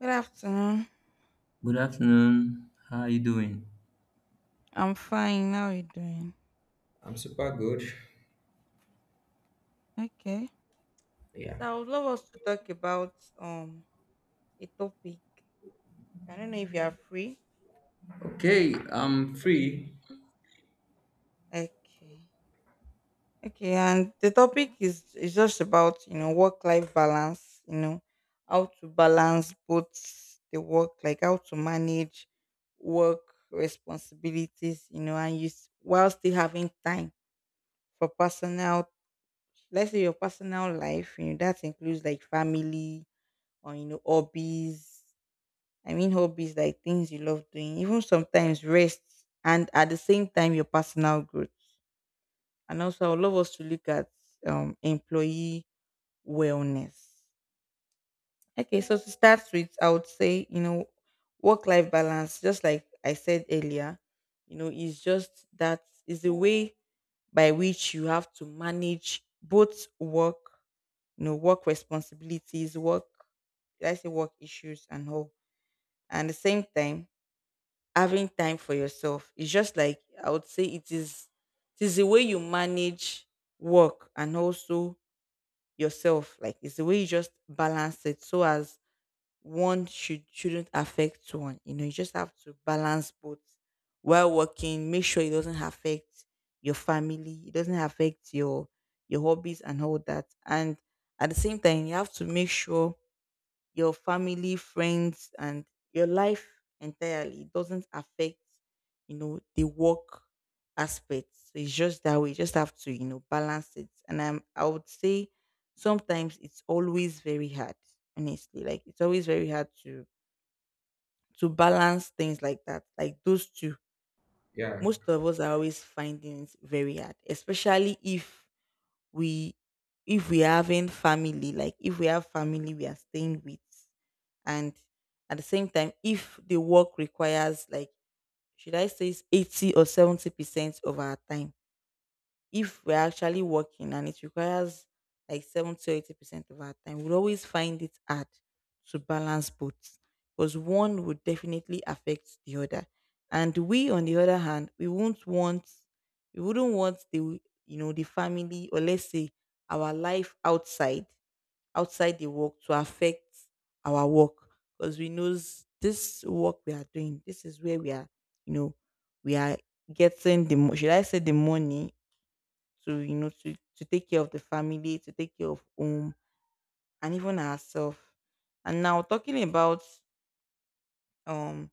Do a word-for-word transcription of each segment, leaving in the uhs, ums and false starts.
Good afternoon. Good afternoon. How are you doing? I'm fine. How are you doing? I'm super good. Okay. Yeah. So I would love us to talk about um a topic. I don't know if you are free. Okay, I'm free. Okay. Okay, and the topic is is just about, you know, work life balance, you know, how to balance both the work, like how to manage work responsibilities, you know, and you s- while still having time for personal, let's say your personal life, you know, that includes like family, or you know, hobbies, I mean hobbies, like things you love doing, even sometimes rest, and at the same time your personal growth. And also I would love us to look at um employee wellness. Okay, so to start with, I would say, you know, work life balance, just like I said earlier, you know, is just that, is the way by which you have to manage both work, you know, work responsibilities, work, did I say work issues and all, and the same time having time for yourself, is just like, I would say, it is, it is the way you manage work and also yourself, like it's the way you just balance it, so as one should shouldn't affect one, you know. You just have to balance both. While working, make sure it doesn't affect your family, it doesn't affect your your hobbies and all that, and at the same time you have to make sure your family, friends, and your life entirely, it doesn't affect, you know, the work aspect. So it's just that we just have to, you know, balance it. And I'm, I would say sometimes it's always very hard, honestly. Like it's always very hard to to balance things like that, like those two. Yeah. Most of us are always finding it very hard, especially if we, if we having family, like if we have family we are staying with, and at the same time if the work requires like, should I say, eighty or seventy percent of our time, if we're actually working and it requires like seventy to eighty percent of our time, we'll always find it hard to balance both, because one would definitely affect the other. And we, on the other hand, we won't want, we wouldn't want the, you know, the family, or let's say our life outside, outside the work, to affect our work, because we knows this work we are doing, this is where we are, you know, we are getting the, mo- should I say the money, to you know, to to take care of the family, to take care of home, and even ourselves. And now talking about um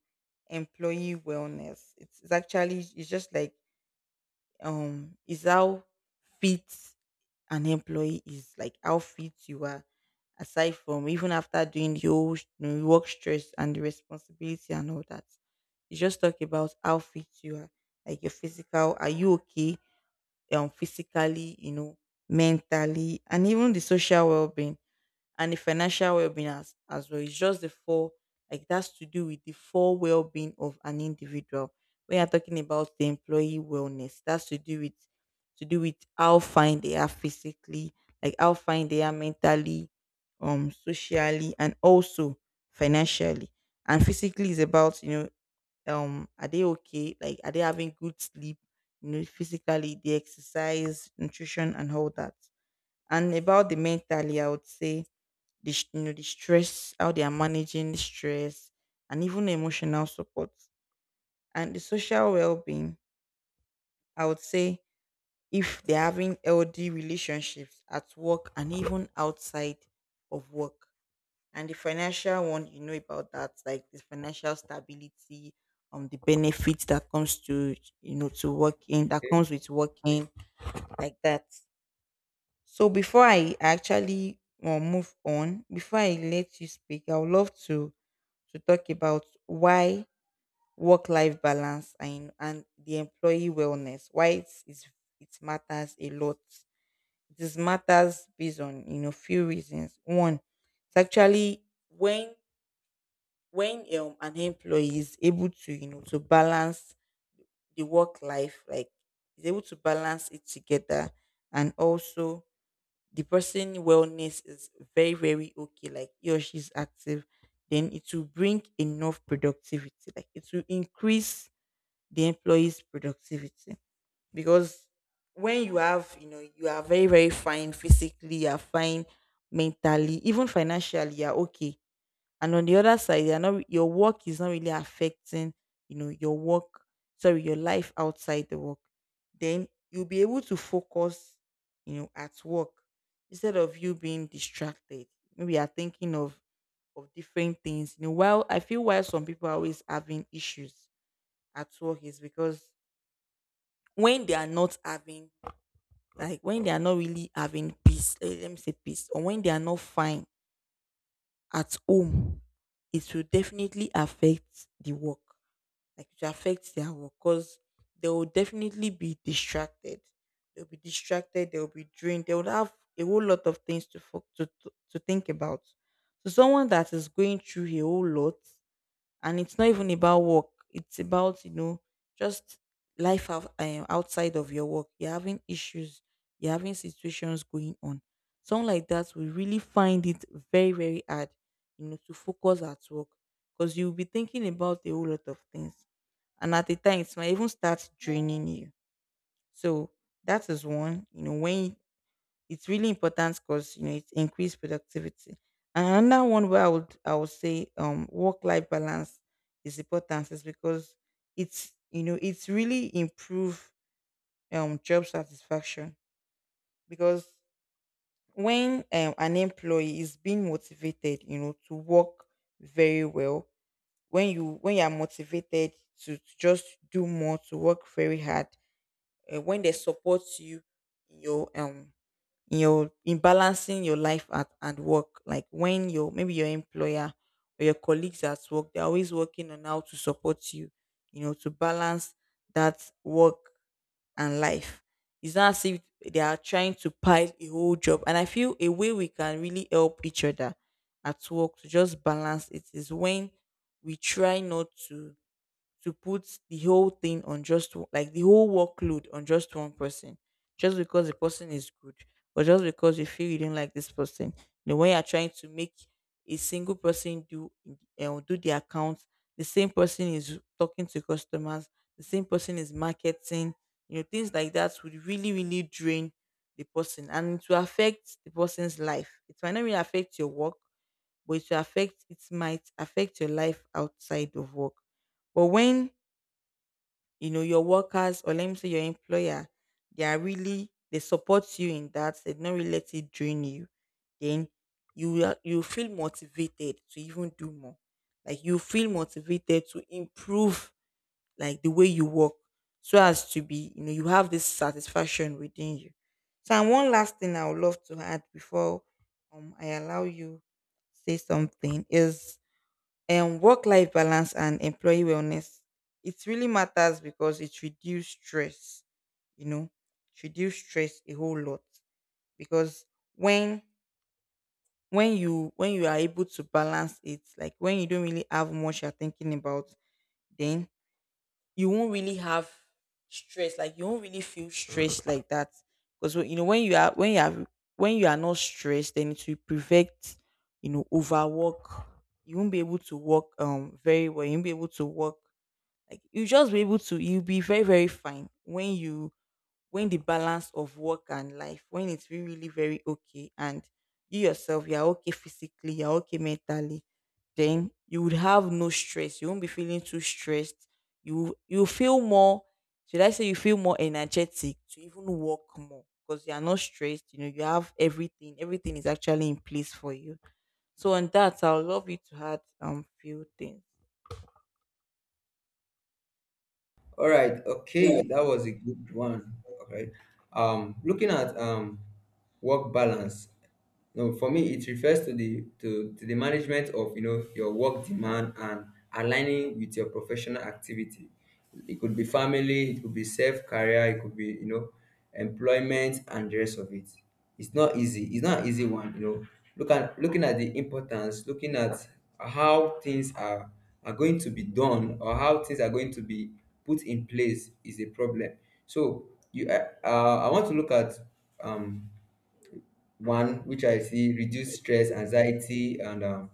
employee wellness, it's, it's actually, it's just like, um is how fit an employee is, like how fit you are, aside from, even after doing the whole sh- you know, work stress and the responsibility and all that, you just talk about how fit you are, like your physical, are you okay, um, physically, you know, mentally, and even the social well-being and the financial well-being as, as well. It's just the four, like that's to do with the four well-being of an individual. When you are talking about the employee wellness, that's to do with, to do with how fine they are physically, like how fine they are mentally, um, socially, and also financially. And physically is about, you know, um are they okay, like are they having good sleep, you know, physically, the exercise, nutrition and all that. And about the mentally, I would say the sh- you know, the stress, how they are managing the stress, and even emotional support. And the social well-being, I would say, if they're having healthy relationships at work and even outside of work. And the financial one, you know about that, like the financial stability, um, the benefits that comes to, you know, to working, that comes with working, like that. So before I actually um, move on, before I let you speak, I would love to to talk about why work life balance and and the employee wellness, why it's, it's it matters a lot. This matters based on, you know, few reasons. One, it's actually when when um, an employee is able to, you know, to balance the work life, like is able to balance it together, and also the person wellness is very, very okay, like he or she's active, then it will bring enough productivity, like it will increase the employee's productivity. Because when you have, you know, you are very, very fine physically, you are fine mentally, even financially you are okay, and on the other side they are not, your work is not really affecting, you know, your work, sorry, your life outside the work, then you'll be able to focus, you know, at work, instead of you being distracted, maybe you're thinking of of different things. You know, while I feel why some people are always having issues at work is because, when they are not having, like when they are not really having peace, eh, let me say peace, or when they are not fine at home, it will definitely affect the work, like it will affect their work because they will definitely be distracted. They'll be distracted. They'll be drained. They would have a whole lot of things to fo- to to to think about. So someone that is going through a whole lot, and it's not even about work, it's about, you know, just life out, um, outside of your work, you're having issues, you're having situations going on, someone like that will really find it very, very hard, you know, to focus at work, because you'll be thinking about a whole lot of things, and at the time it might even start draining you. So that is one, you know, when it's really important because, you know, it increased productivity. And another one where I would I would say um work life balance is important is because, it's, you know, it's really improve um job satisfaction. Because when um, an employee is being motivated, you know, to work very well, when you, when you are motivated to, to just do more, to work very hard. Uh, when they support you in your um in your, in balancing your life at and work, like when your, maybe your employer or your colleagues at work, they're always working on how to support you, you know, to balance that work and life, it's not as if they are trying to pile a whole job. And I feel a way we can really help each other at work to just balance it is when we try not to to put the whole thing on just o- like the whole workload on just one person, just because the person is good, or just because you feel you don't like this person, you know, when you're trying to make a single person do uh, do the accounts, the same person is talking to customers, the same person is marketing, you know, things like that would really, really drain the person, and it will affect the person's life. It might not really affect your work but it will affect, it might affect your life outside of work. But when, you know, your workers, or let me say your employer, they are really, they support you in that, they don't really let it drain you, then you will- you feel motivated to even do more, like you feel motivated to improve like the way you work, so as to be, you know, you have this satisfaction within you. So, and one last thing I would love to add before um I allow you say something is, and work-life balance and employee wellness, it really matters because it reduces stress, you know. It reduce stress a whole lot, because when when you, when you are able to balance it, like when you don't really have much you're thinking about, then you won't really have stress, like you won't really feel stressed like that. Because, you know, when you are, when you are, when you are not stressed, then it will prevent, you know, overwork. You won't be able to work um very well, you won't be able to work, like you just be able to, you'll be very, very fine when you, when the balance of work and life, when it's really, really very okay, and you yourself, you're okay physically, you're okay mentally, then you would have no stress. You won't be feeling too stressed. You you feel more. Should I say, you feel more energetic to even work more because you are not stressed. You know you have everything. Everything is actually in place for you. So on that, I would love you to add um few things. All right. Okay. Yes. That was a good one. Okay. Um, looking at um work balance. No, for me, it refers to the to, to the management of you know your work demand and aligning with your professional activity. It could be family, it could be self career, it could be you know employment and the rest of it. It's not easy. It's not an easy one. You know, look at looking at the importance, looking at how things are are going to be done or how things are going to be put in place is a problem. So you, uh, uh, I want to look at um one which I see reduce stress, anxiety, and um,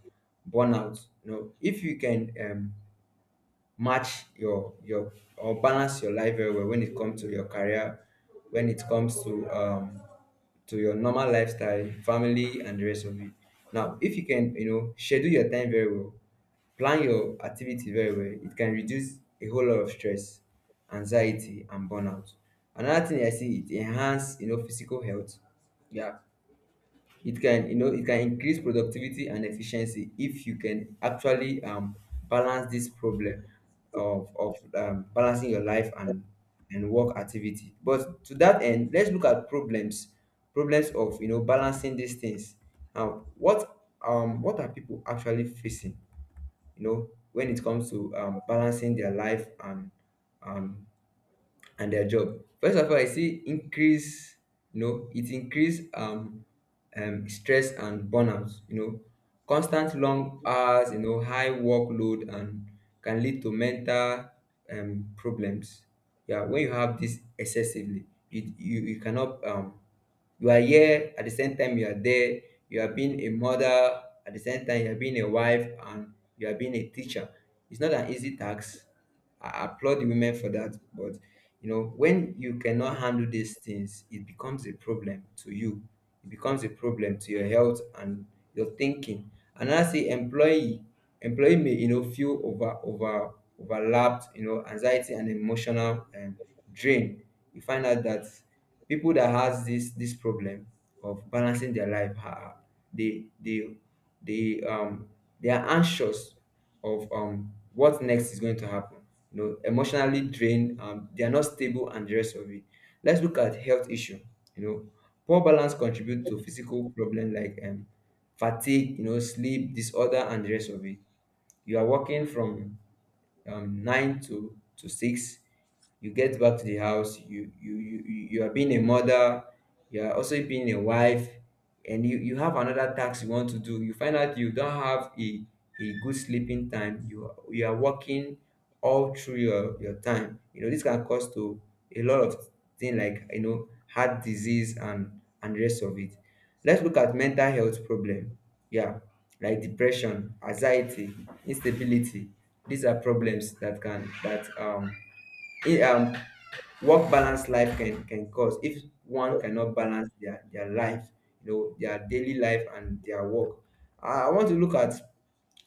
burnout. You know, if you can um, match your your or balance your life very well when it comes to your career, when it comes to um, to your normal lifestyle, family, and the rest of it. Now, if you can, you know, schedule your time very well, plan your activity very well, it can reduce a whole lot of stress, anxiety, and burnout. Another thing I see it enhance, you know, physical health. Yeah, it can, you know, it can increase productivity and efficiency if you can actually um, balance this problem of, of um, balancing your life and and work activity. But to that end, let's look at problems, problems of, you know, balancing these things. Now what, um what are people actually facing, you know, when it comes to um, balancing their life and um, and their job. First of all, I see increase, you know, it increase um, um stress and burnout, you know, constant long hours, you know, high workload and can lead to mental um problems. Yeah, when you have this excessively, you you, you cannot um you are here, at the same time you are there, you are being a mother, at the same time you are being a wife and you are being a teacher. It's not an easy task. I applaud the women for that. But you know, when you cannot handle these things, it becomes a problem to you. It becomes a problem to your health and your thinking. And lastly, employee employee may, you know, feel over over overlapped, you know, anxiety and emotional um, drain. You find out that people that has this this problem of balancing their life are they they they um they are anxious of um what next is going to happen, you know, emotionally drained, um they are not stable and the rest of it. Let's look at health issue. You know, poor balance contribute to physical problem like um fatigue, you know, sleep disorder and the rest of it. You are working from um, nine to to six, you get back to the house, you you you, you you are being a mother, you are also being a wife, and you you have another task you want to do. You find out you don't have a a good sleeping time. You are, you are working all through your your time. You know this can cause to a lot of things like, you know, heart disease and and the rest of it. Let's look at mental health problem. Yeah, like depression, anxiety, instability. These are problems that can that um it, um, work balance life can can cause if one cannot balance their their life, you know, their daily life and their work. I I want to look at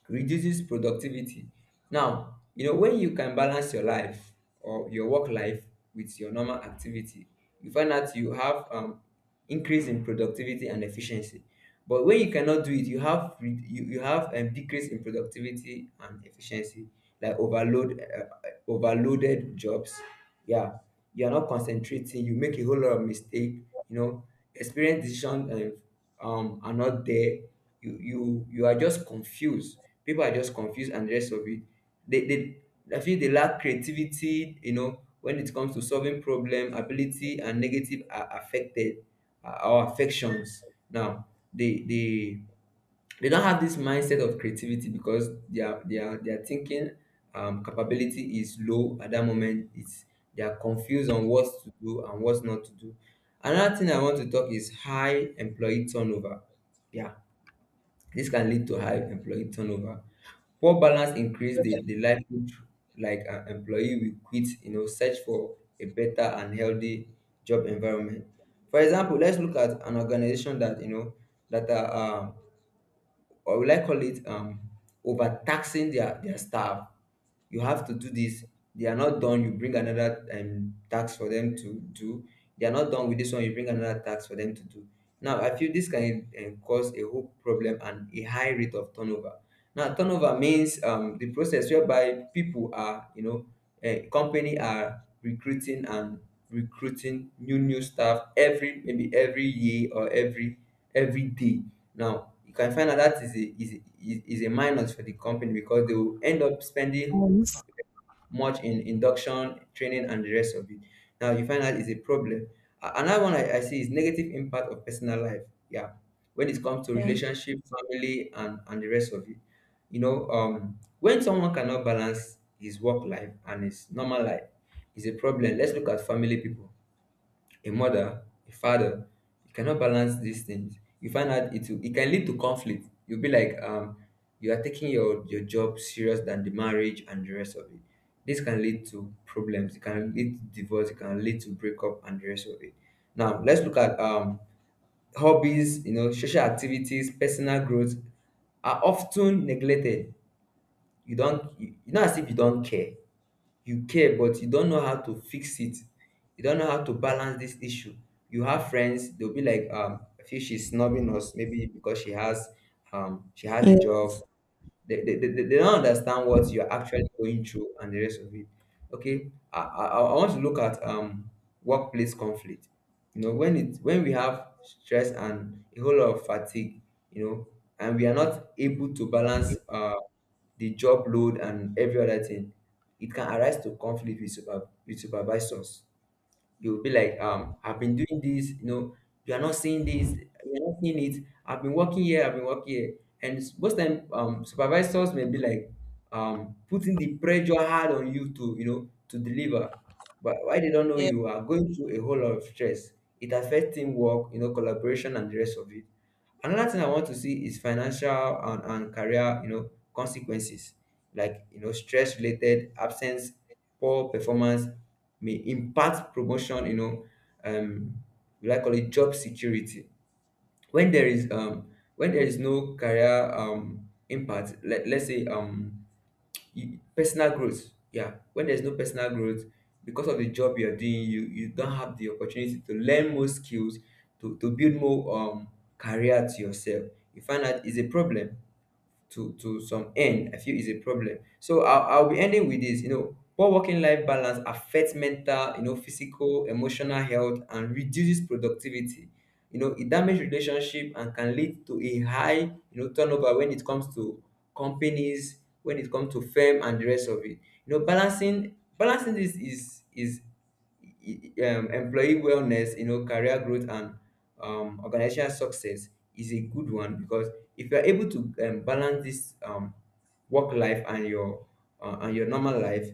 reduces productivity. Now you know, when you can balance your life or your work life with your normal activity, you find out you have um increase in productivity and efficiency. But when you cannot do it, you have re- you, you have um, decrease in productivity and efficiency, like overload, uh, overloaded jobs. Yeah, you are not concentrating. You make a whole lot of mistake. You know, experience decision um, um are not there. You you you are just confused. People are just confused, and the rest of it, they they I feel they lack creativity. You know, when it comes to solving problem, ability and negative are affected, uh, our affections. Now they they they don't have this mindset of creativity because their their their thinking um, capability is low at that moment. It's They are confused on what to do and what not to do. Another thing I want to talk is high employee turnover. Yeah, this can lead to high employee turnover. Poor balance increase the, the likelihood like an employee will quit, you know, search for a better and healthy job environment. For example, let's look at an organization that, you know, that are um, or will I call it um overtaxing their their staff. You have to do this. They are not done. You bring another um, tax for them to do. They are not done with this one. You bring another tax for them to do. Now, I feel this can um, cause a whole problem and a high rate of turnover. Now, turnover means um, the process whereby people are, you know, a company are recruiting and recruiting new new staff every maybe every year or every every day. Now you can find out that is a is is is a minus for the company because they will end up spending much in induction training and the rest of it. Now you find out is a problem. A- Another one I, I see is negative impact of personal life. Yeah, when it comes to relationship, family, and and the rest of it. You know, um, when someone cannot balance his work life and his normal life, is a problem. Let's look at family people, a mother, a father, you cannot balance these things. You find out it will, it can lead to conflict. You'll be like, um, you are taking your your job serious than the marriage and the rest of it. This can lead to problems. It can lead to divorce. It can lead to breakup and the rest of it. Now let's look at um hobbies. You know, social activities, personal growth are often neglected. You don't. You, you know, as if you don't care. You care, but you don't know how to fix it. You don't know how to balance this issue. You have friends. They'll be like, um I feel she's snubbing us, maybe because she has um she has a job. Yes. They, they, they, they don't understand what you're actually going through and the rest of it. Okay, i i, I want to look at um workplace conflict. You know, when it when we have stress and a whole lot of fatigue, you know, and we are not able to balance uh, the job load and every other thing, it can arise to conflict with super with supervisors. You'll be like, um, I've been doing this, you know, you are not seeing this, you're not seeing it. I've been working here, I've been working here. And s- most time, um, supervisors may be like, um, putting the pressure hard on you to, you know, to deliver. But why they don't know Yes. you are going through a whole lot of stress. It affects teamwork, you know, collaboration and the rest of it. Another thing I want to see is financial and, and career, you know, consequences, like you know, stress related absence, poor performance, may impact promotion, you know, um, we like call it job security. When there is um, when there is no career um, impact, let, let's say um, you- personal growth. Yeah, when there's no personal growth, because of the job you're doing, you, you don't have the opportunity to learn more skills, to, to build more um, career to yourself. You find that is a problem. to to some end, I feel is a problem. So i'll, I'll be ending with this. You know, poor working life balance affects mental, you know, physical, emotional health and reduces productivity. You know, it damages relationship and can lead to a high, you know, turnover when it comes to companies, when it comes to firm and the rest of it. You know, balancing balancing this is is e, e, um, employee wellness, you know, career growth and um, organizational success is a good one. Because if you are able to um, balance this um, work life and your uh, and your normal life,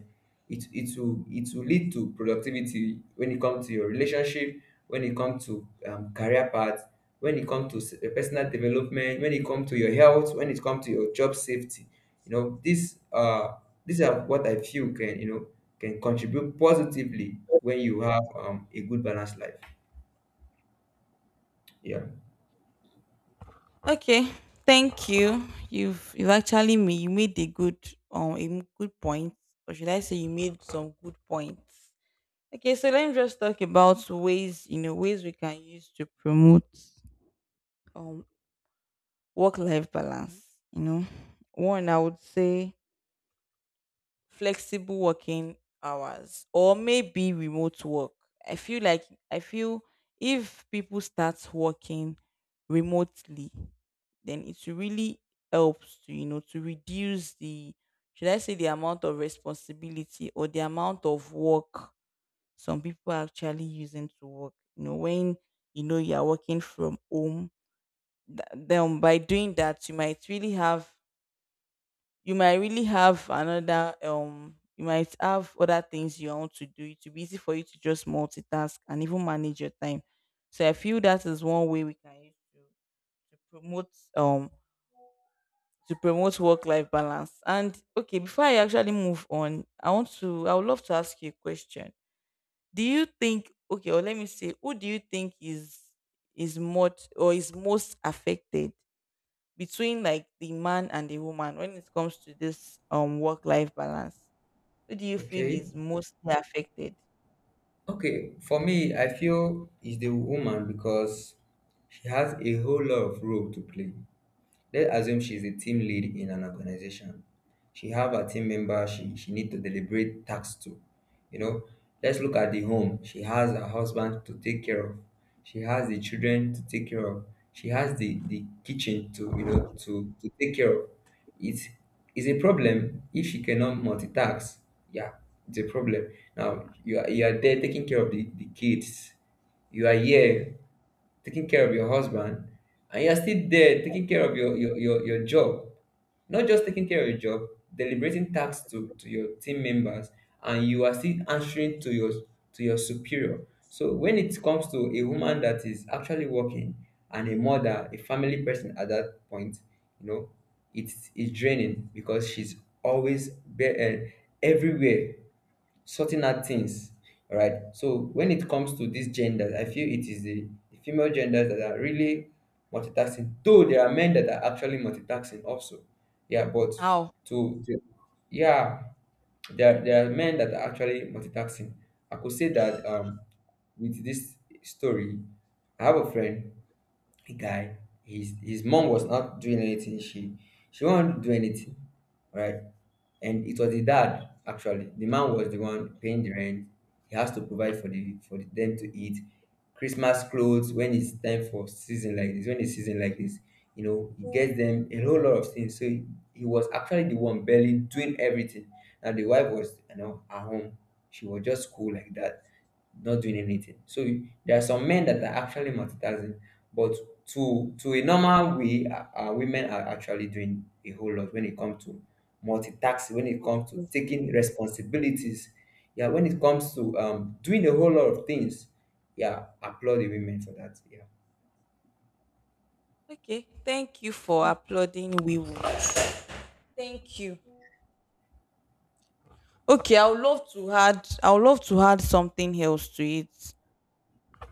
it it will it will lead to productivity when it comes to your relationship, when it comes to um, career path, when it comes to s- personal development, when it comes to your health, when it comes to your job safety. You know, this uh these are what I feel can, you know, can contribute positively when you have um, a good balanced life. Yeah. Okay, thank you. You've you've actually made, you made a good um a m- good point, or should I say you made some good points. Okay, so let me just talk about ways you know ways we can use to promote um work life balance. You know, one I would say flexible working hours, or maybe remote work. I feel like I feel if people start working remotely, then it really helps to you know to reduce the, should I say, the amount of responsibility or the amount of work some people are actually using to work. You know, when you know you are working from home, th- then by doing that you might really have, you might really have another, um you might have other things you want to do. It will be easy for you to just multitask and even manage your time. So I feel that is one way we can use to, to promote, um to promote work life balance. And okay, before I actually move on, i want to I would love to ask you a question. Do you think, okay, or let me say, who do you think is is most, or is most affected between like the man and the woman when it comes to this um work life balance? Who do you feel Okay. is mostly affected? Okay. For me, I feel it's the woman because she has a whole lot of role to play. Let's assume she's the team lead in an organization. She have a team member, she she need to deliberate tasks to, you know let's look at the home. She has her husband to take care of, she has the children to take care of, she has the the kitchen to, you know to to take care of. It's it's a problem if she cannot multitask, yeah. It's a problem. Now you are you are there taking care of the the kids, you are here taking care of your husband, and you're still there taking care of your, your, your, your job. Not just taking care of your job, deliberating tasks to, to your team members, and you are still answering to your to your superior. So when it comes to a woman that is actually working and a mother, a family person at that point, you know, it's, it's draining because she's always be- uh, everywhere sorting out things. All right? So when it comes to these genders, I feel it is the, the female genders that are really multitasking. Though there are men that are actually multitasking also, yeah. But How? to, to yeah, there there are men that are actually multitasking. I could say that um with this story, I have a friend, a guy. His his mom was not doing anything. She she won't do anything, right? And it was the dad. Actually, the man was the one paying the rent. He has to provide for the for the, them to eat, christmas clothes when it's time for season like this, when it's season like this, you know he gets them a whole lot of things. So he, he was actually the one barely doing everything, and the wife was, you know, at home. She was just cool like that, not doing anything. So there are some men that are actually multitasking, but to to a normal way, uh, uh, women are actually doing a whole lot when it comes to multitasking, when it comes to taking responsibilities. Yeah, when it comes to um, doing a whole lot of things, yeah, applaud the women for that. Yeah. Okay, thank you for applauding. We will. Thank you. Okay, I would love to add I would love to add something else to it.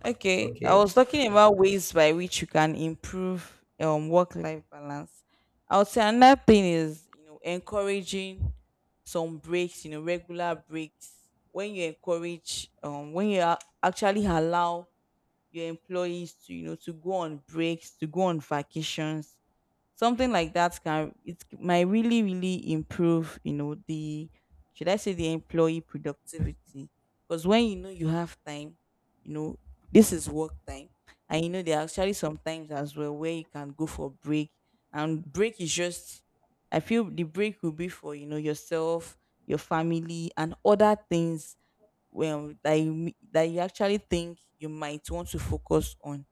Okay, I Okay. was talking about ways by which you can improve um work-life balance. I would say another thing is, you know, encouraging some breaks, you know, regular breaks. When you encourage, um, when you a- actually allow your employees to, you know, to go on breaks, to go on vacations, something like that can, it might really, really improve, you know, the, should I say, the employee productivity. Because when you know you have time, you know, this is work time, and you know there are actually some times as well where you can go for break. And break is just, I feel the break will be for, you know, yourself, your family, and other things well that you, that you actually think you might want to focus on.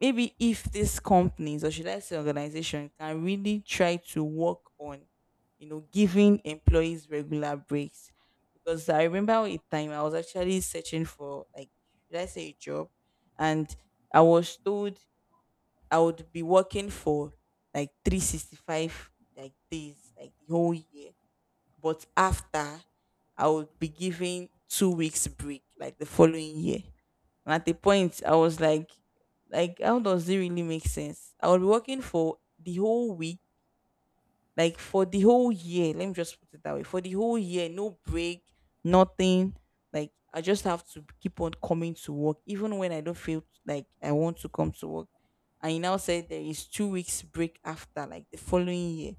Maybe if these companies, or should I say organization, can really try to work on, you know, giving employees regular breaks. Because I remember a time I was actually searching for like, should I say, a job, and I was told I would be working for like three sixty-five like days, like the whole year, but after I would be given two weeks break, like the following year. And at the point, I was like, like, how does it really make sense? I would be working for the whole week, like for the whole year, let me just put it that way. For the whole year, no break, nothing. Like I just have to keep on coming to work, even when I don't feel like I want to come to work. And he now said there is two weeks break after, like the following year.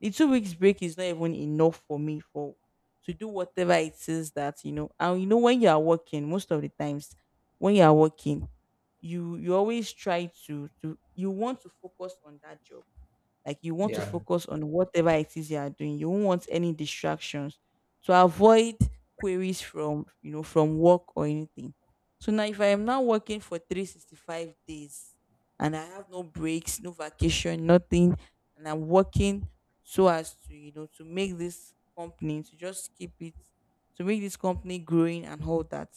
The two weeks break is not even enough for me for to do whatever it is that you know. And you know when you are working, most of the times when you are working, you you always try to to, you want to focus on that job, like you want to Yeah. focus on whatever it is you are doing. You won't want any distractions to avoid queries from, you know, from work or anything. So now if I am now working for three sixty-five days and I have no breaks, no vacation, nothing, and I'm working so as to, you know, to make this company to just keep it, to make this company growing and all that,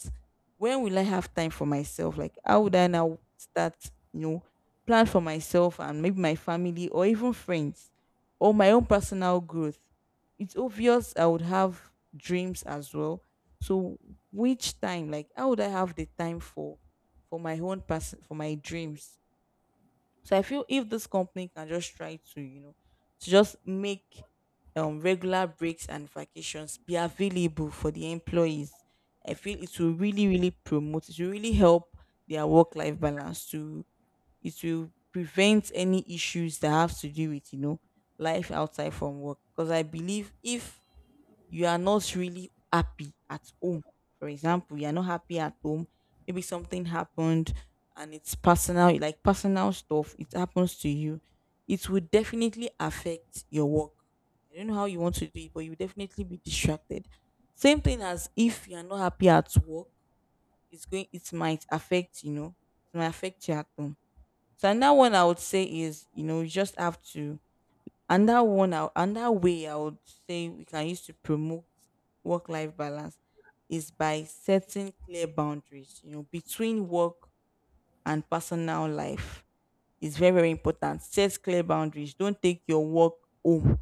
when will I have time for myself? Like, how would I now start, you know, plan for myself and maybe my family or even friends or my own personal growth. It's obvious I would have dreams as well. So which time, like how would I have the time for for my own person, for my dreams? So I feel if this company can just try to, you know, to just make um regular breaks and vacations be available for the employees. I feel it will really, really promote, it will really help their work life balance to, it will prevent any issues that have to do with, you know, life outside from work. Because I believe if you are not really happy at home, for example, you are not happy at home, maybe something happened, and it's personal, like personal stuff, it happens to you, it would definitely affect your work. I don't know how you want to do it, but you will definitely be distracted. Same thing as if you are not happy at work, it's going, it might affect, you know, it might affect you at home. So another one I would say is, you know, you just have to, And that one I- and that way I would say we can use to promote work life balance is by setting clear boundaries, you know, between work and personal life. It's very, very important. Set clear boundaries. Don't take your work home.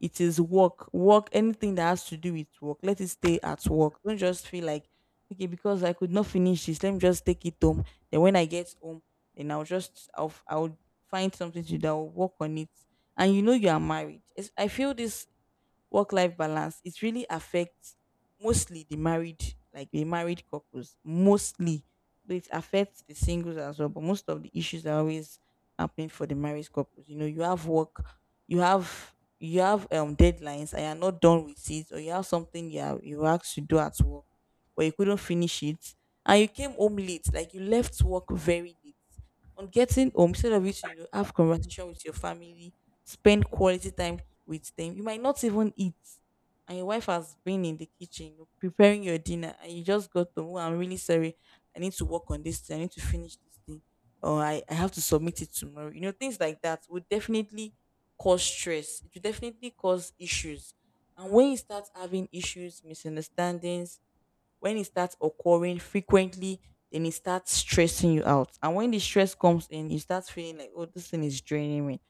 It is work, work, anything that has to do with work let it stay at work. Don't just feel like, okay, because I could not finish this, let me just take it home, then when I get home, then i'll just i'll, I'll find something to do, I'll work on it. And you know you are married, it's, I feel this work life balance, it really affects mostly the married, like the married couples mostly, though it affects the singles as well. But most of the issues are always happening for the married couples. You know, you have work, you have you have um deadlines and you're not done with it, or you have something you are, you were asked to do at work but you couldn't finish it, and you came home late, like you left work very late. On getting home, instead of you to, you know, have conversation with your family, spend quality time with them, you might not even eat, and your wife has been in the kitchen preparing your dinner, and you just got to, "Oh, I'm really sorry. I need to work on this thing. I need to finish this thing, or I, I have to submit it tomorrow." You know, things like that would definitely cause stress. It would definitely cause issues. And when you start having issues, misunderstandings, when it starts occurring frequently, then it starts stressing you out. And when the stress comes in, you start feeling like, oh, this thing is draining me.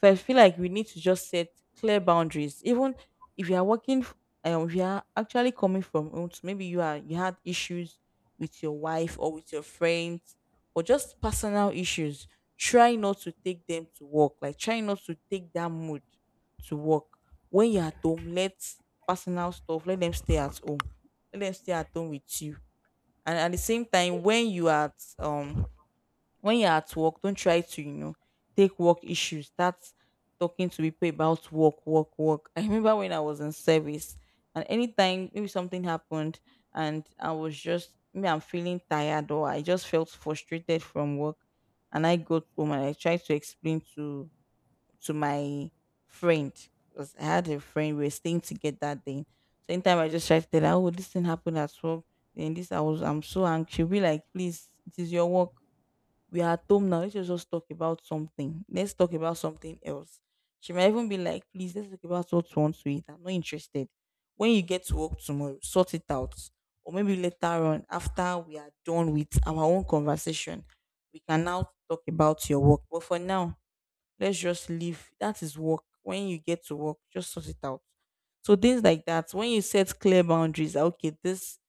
So I feel like we need to just set clear boundaries. Even if you are working, f- um, if you are actually coming from home, so maybe you are, you had issues with your wife or with your friends, or just personal issues, try not to take them to work. Like try not to take that mood to work. When you're at home, let personal stuff, let them stay at home. Let them stay at home with you. And at the same time, when you are at um when you're at work, don't try to, you know, take work issues, start talking to people about work, work, work. I remember when I was in service, and anytime maybe something happened, and I was just, maybe I'm feeling tired or I just felt frustrated from work, and I go home and I tried to explain to to my friend, because I had a friend we were staying together that day. So anytime I just tried to tell her, oh, this thing happened at work, then this, I was I'm so angry, she'll be like, please, it is your work, we are at home now. Let's just just talk about something. Let's talk about something else. She might even be like, please, let's talk about what you want to eat. I'm not interested. When you get to work tomorrow, sort it out. Or maybe later on, after we are done with our own conversation, we can now talk about your work. But for now, let's just leave. That is work. When you get to work, just sort it out. So things like that, when you set clear boundaries, that, okay, this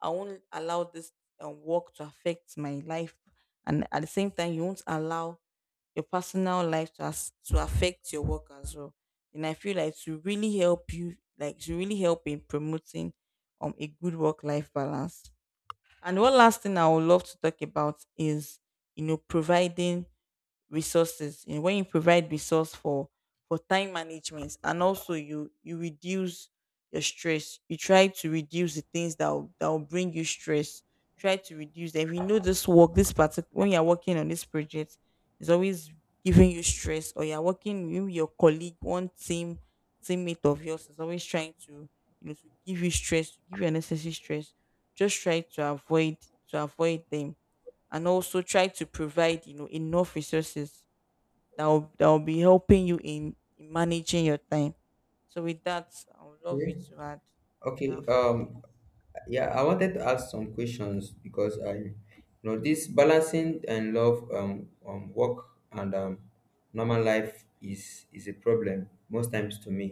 I won't allow this, um, work to affect my life, and at the same time, you won't allow your personal life to as- to affect your work as well. And I feel like to really help you, like to really help in promoting um a good work life balance. And one last thing I would love to talk about is, you know, providing resources. And when you provide resource for for time management, and also you you reduce your stress, you try to reduce the things that will, that will bring you stress. Try to reduce them. If you know this work, this particular, when you're working on this project, is always giving you stress, or you're working with your colleague, one team teammate of yours, is always trying to, you know, to give you stress, to give you unnecessary stress, just try to avoid, to avoid them. And also try to provide, you know, enough resources that will, that will be helping you in, in managing your time. So with that, I would love Okay. you to add, if you Okay. have few Um, yeah, I wanted to ask some questions because I, you know, this balancing and love, um, um, work and um, normal life is is a problem most times to me,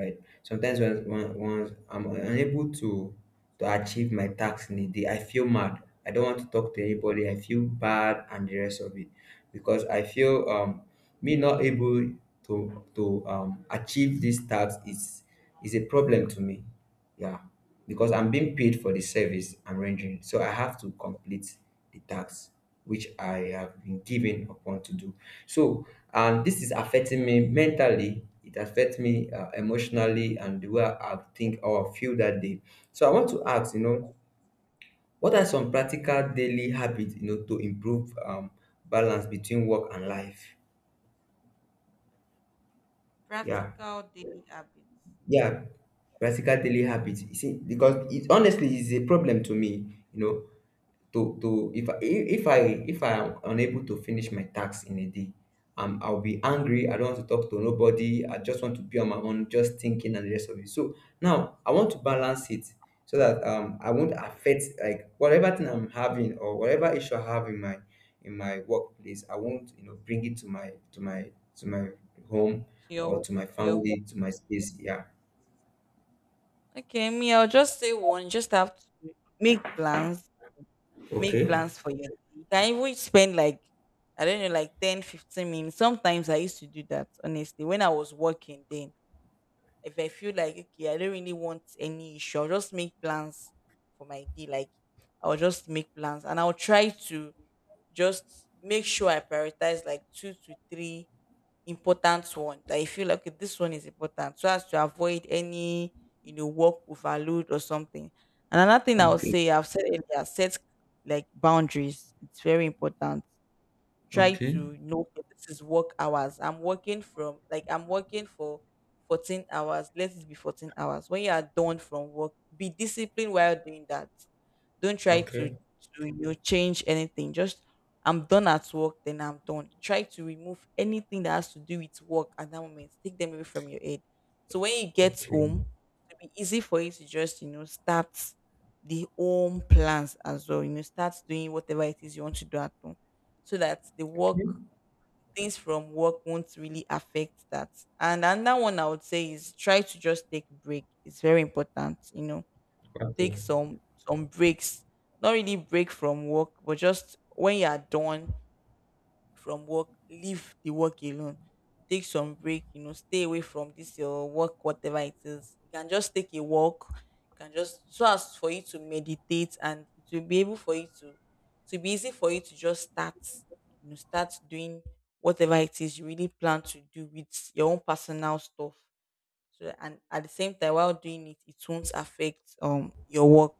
right? Sometimes when when, when I'm unable to to achieve my tasks in a day, I feel mad. I don't want to talk to anybody. I feel bad and the rest of it because I feel um me not able to to um achieve this task is is a problem to me, yeah, because I'm being paid for the service I'm rendering, so I have to complete the tax which I have been given upon to do. So, and this is affecting me mentally. It affects me uh, emotionally and the way I think or feel that day. So, I want to ask, you know, what are some practical daily habits, you know, to improve um, balance between work and life? Yeah, practical daily habits yeah, practical daily habits. You see, because it honestly is a problem to me, you know. To to If I, if I if I am unable to finish my tasks in a day, um, I'll be angry. I don't want to talk to nobody. I just want to be on my own, just thinking and the rest of it. So now I want to balance it so that um I won't affect like whatever thing I'm having or whatever issue I have in my in my workplace. I won't, you know, bring it to my to my to my home to or your, to my to your home. family, to my space. Yeah. Okay, me, I'll just say one. You just have to make plans, make Okay. plans for your day. You can even spend like, I don't know, like ten, fifteen minutes. Sometimes I used to do that honestly when I was working then. If I feel like, okay, I don't really want any issue, I'll just make plans for my day. Like I'll just make plans and I'll try to just make sure I prioritize like two to three important ones that I feel like, okay, this one is important, so as to avoid any, you know, work overload or something. And another thing I would Okay. say, I've said earlier, set like boundaries. It's very important. Try Okay. to know that this is work hours. I'm working from like I'm working for fourteen hours. Let it be fourteen hours. When you are done from work, be disciplined while doing that. Don't try to, Okay. to, you know, change anything. Just I'm done at work, then I'm done. Try to remove anything that has to do with work at that moment. Take them away from your head. So when you get Okay. home, it'll be easy for you to just, you know, start the home plans as well. You know, start doing whatever it is you want to do at home. So that the Okay. work, things from work won't really affect that. And another one I would say is try to just take a break. It's very important, you know, take Okay. some some breaks. Not really break from work, but just when you are done from work, leave the work alone. Take some break, you know, stay away from this your work, whatever it is. You can just take a walk, you can just, so as for you to meditate, and it will be able for you to to be easy for you to just start, you know, start doing whatever it is you really plan to do with your own personal stuff. So and at the same time, while doing it, it won't affect um your work.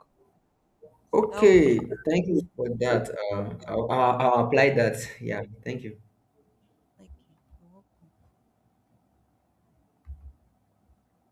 Isso dá o bico. Okay, thank you for that. Uh, I'll, I'll, I'll apply that. Yeah, thank you. Aqui, eu vou com.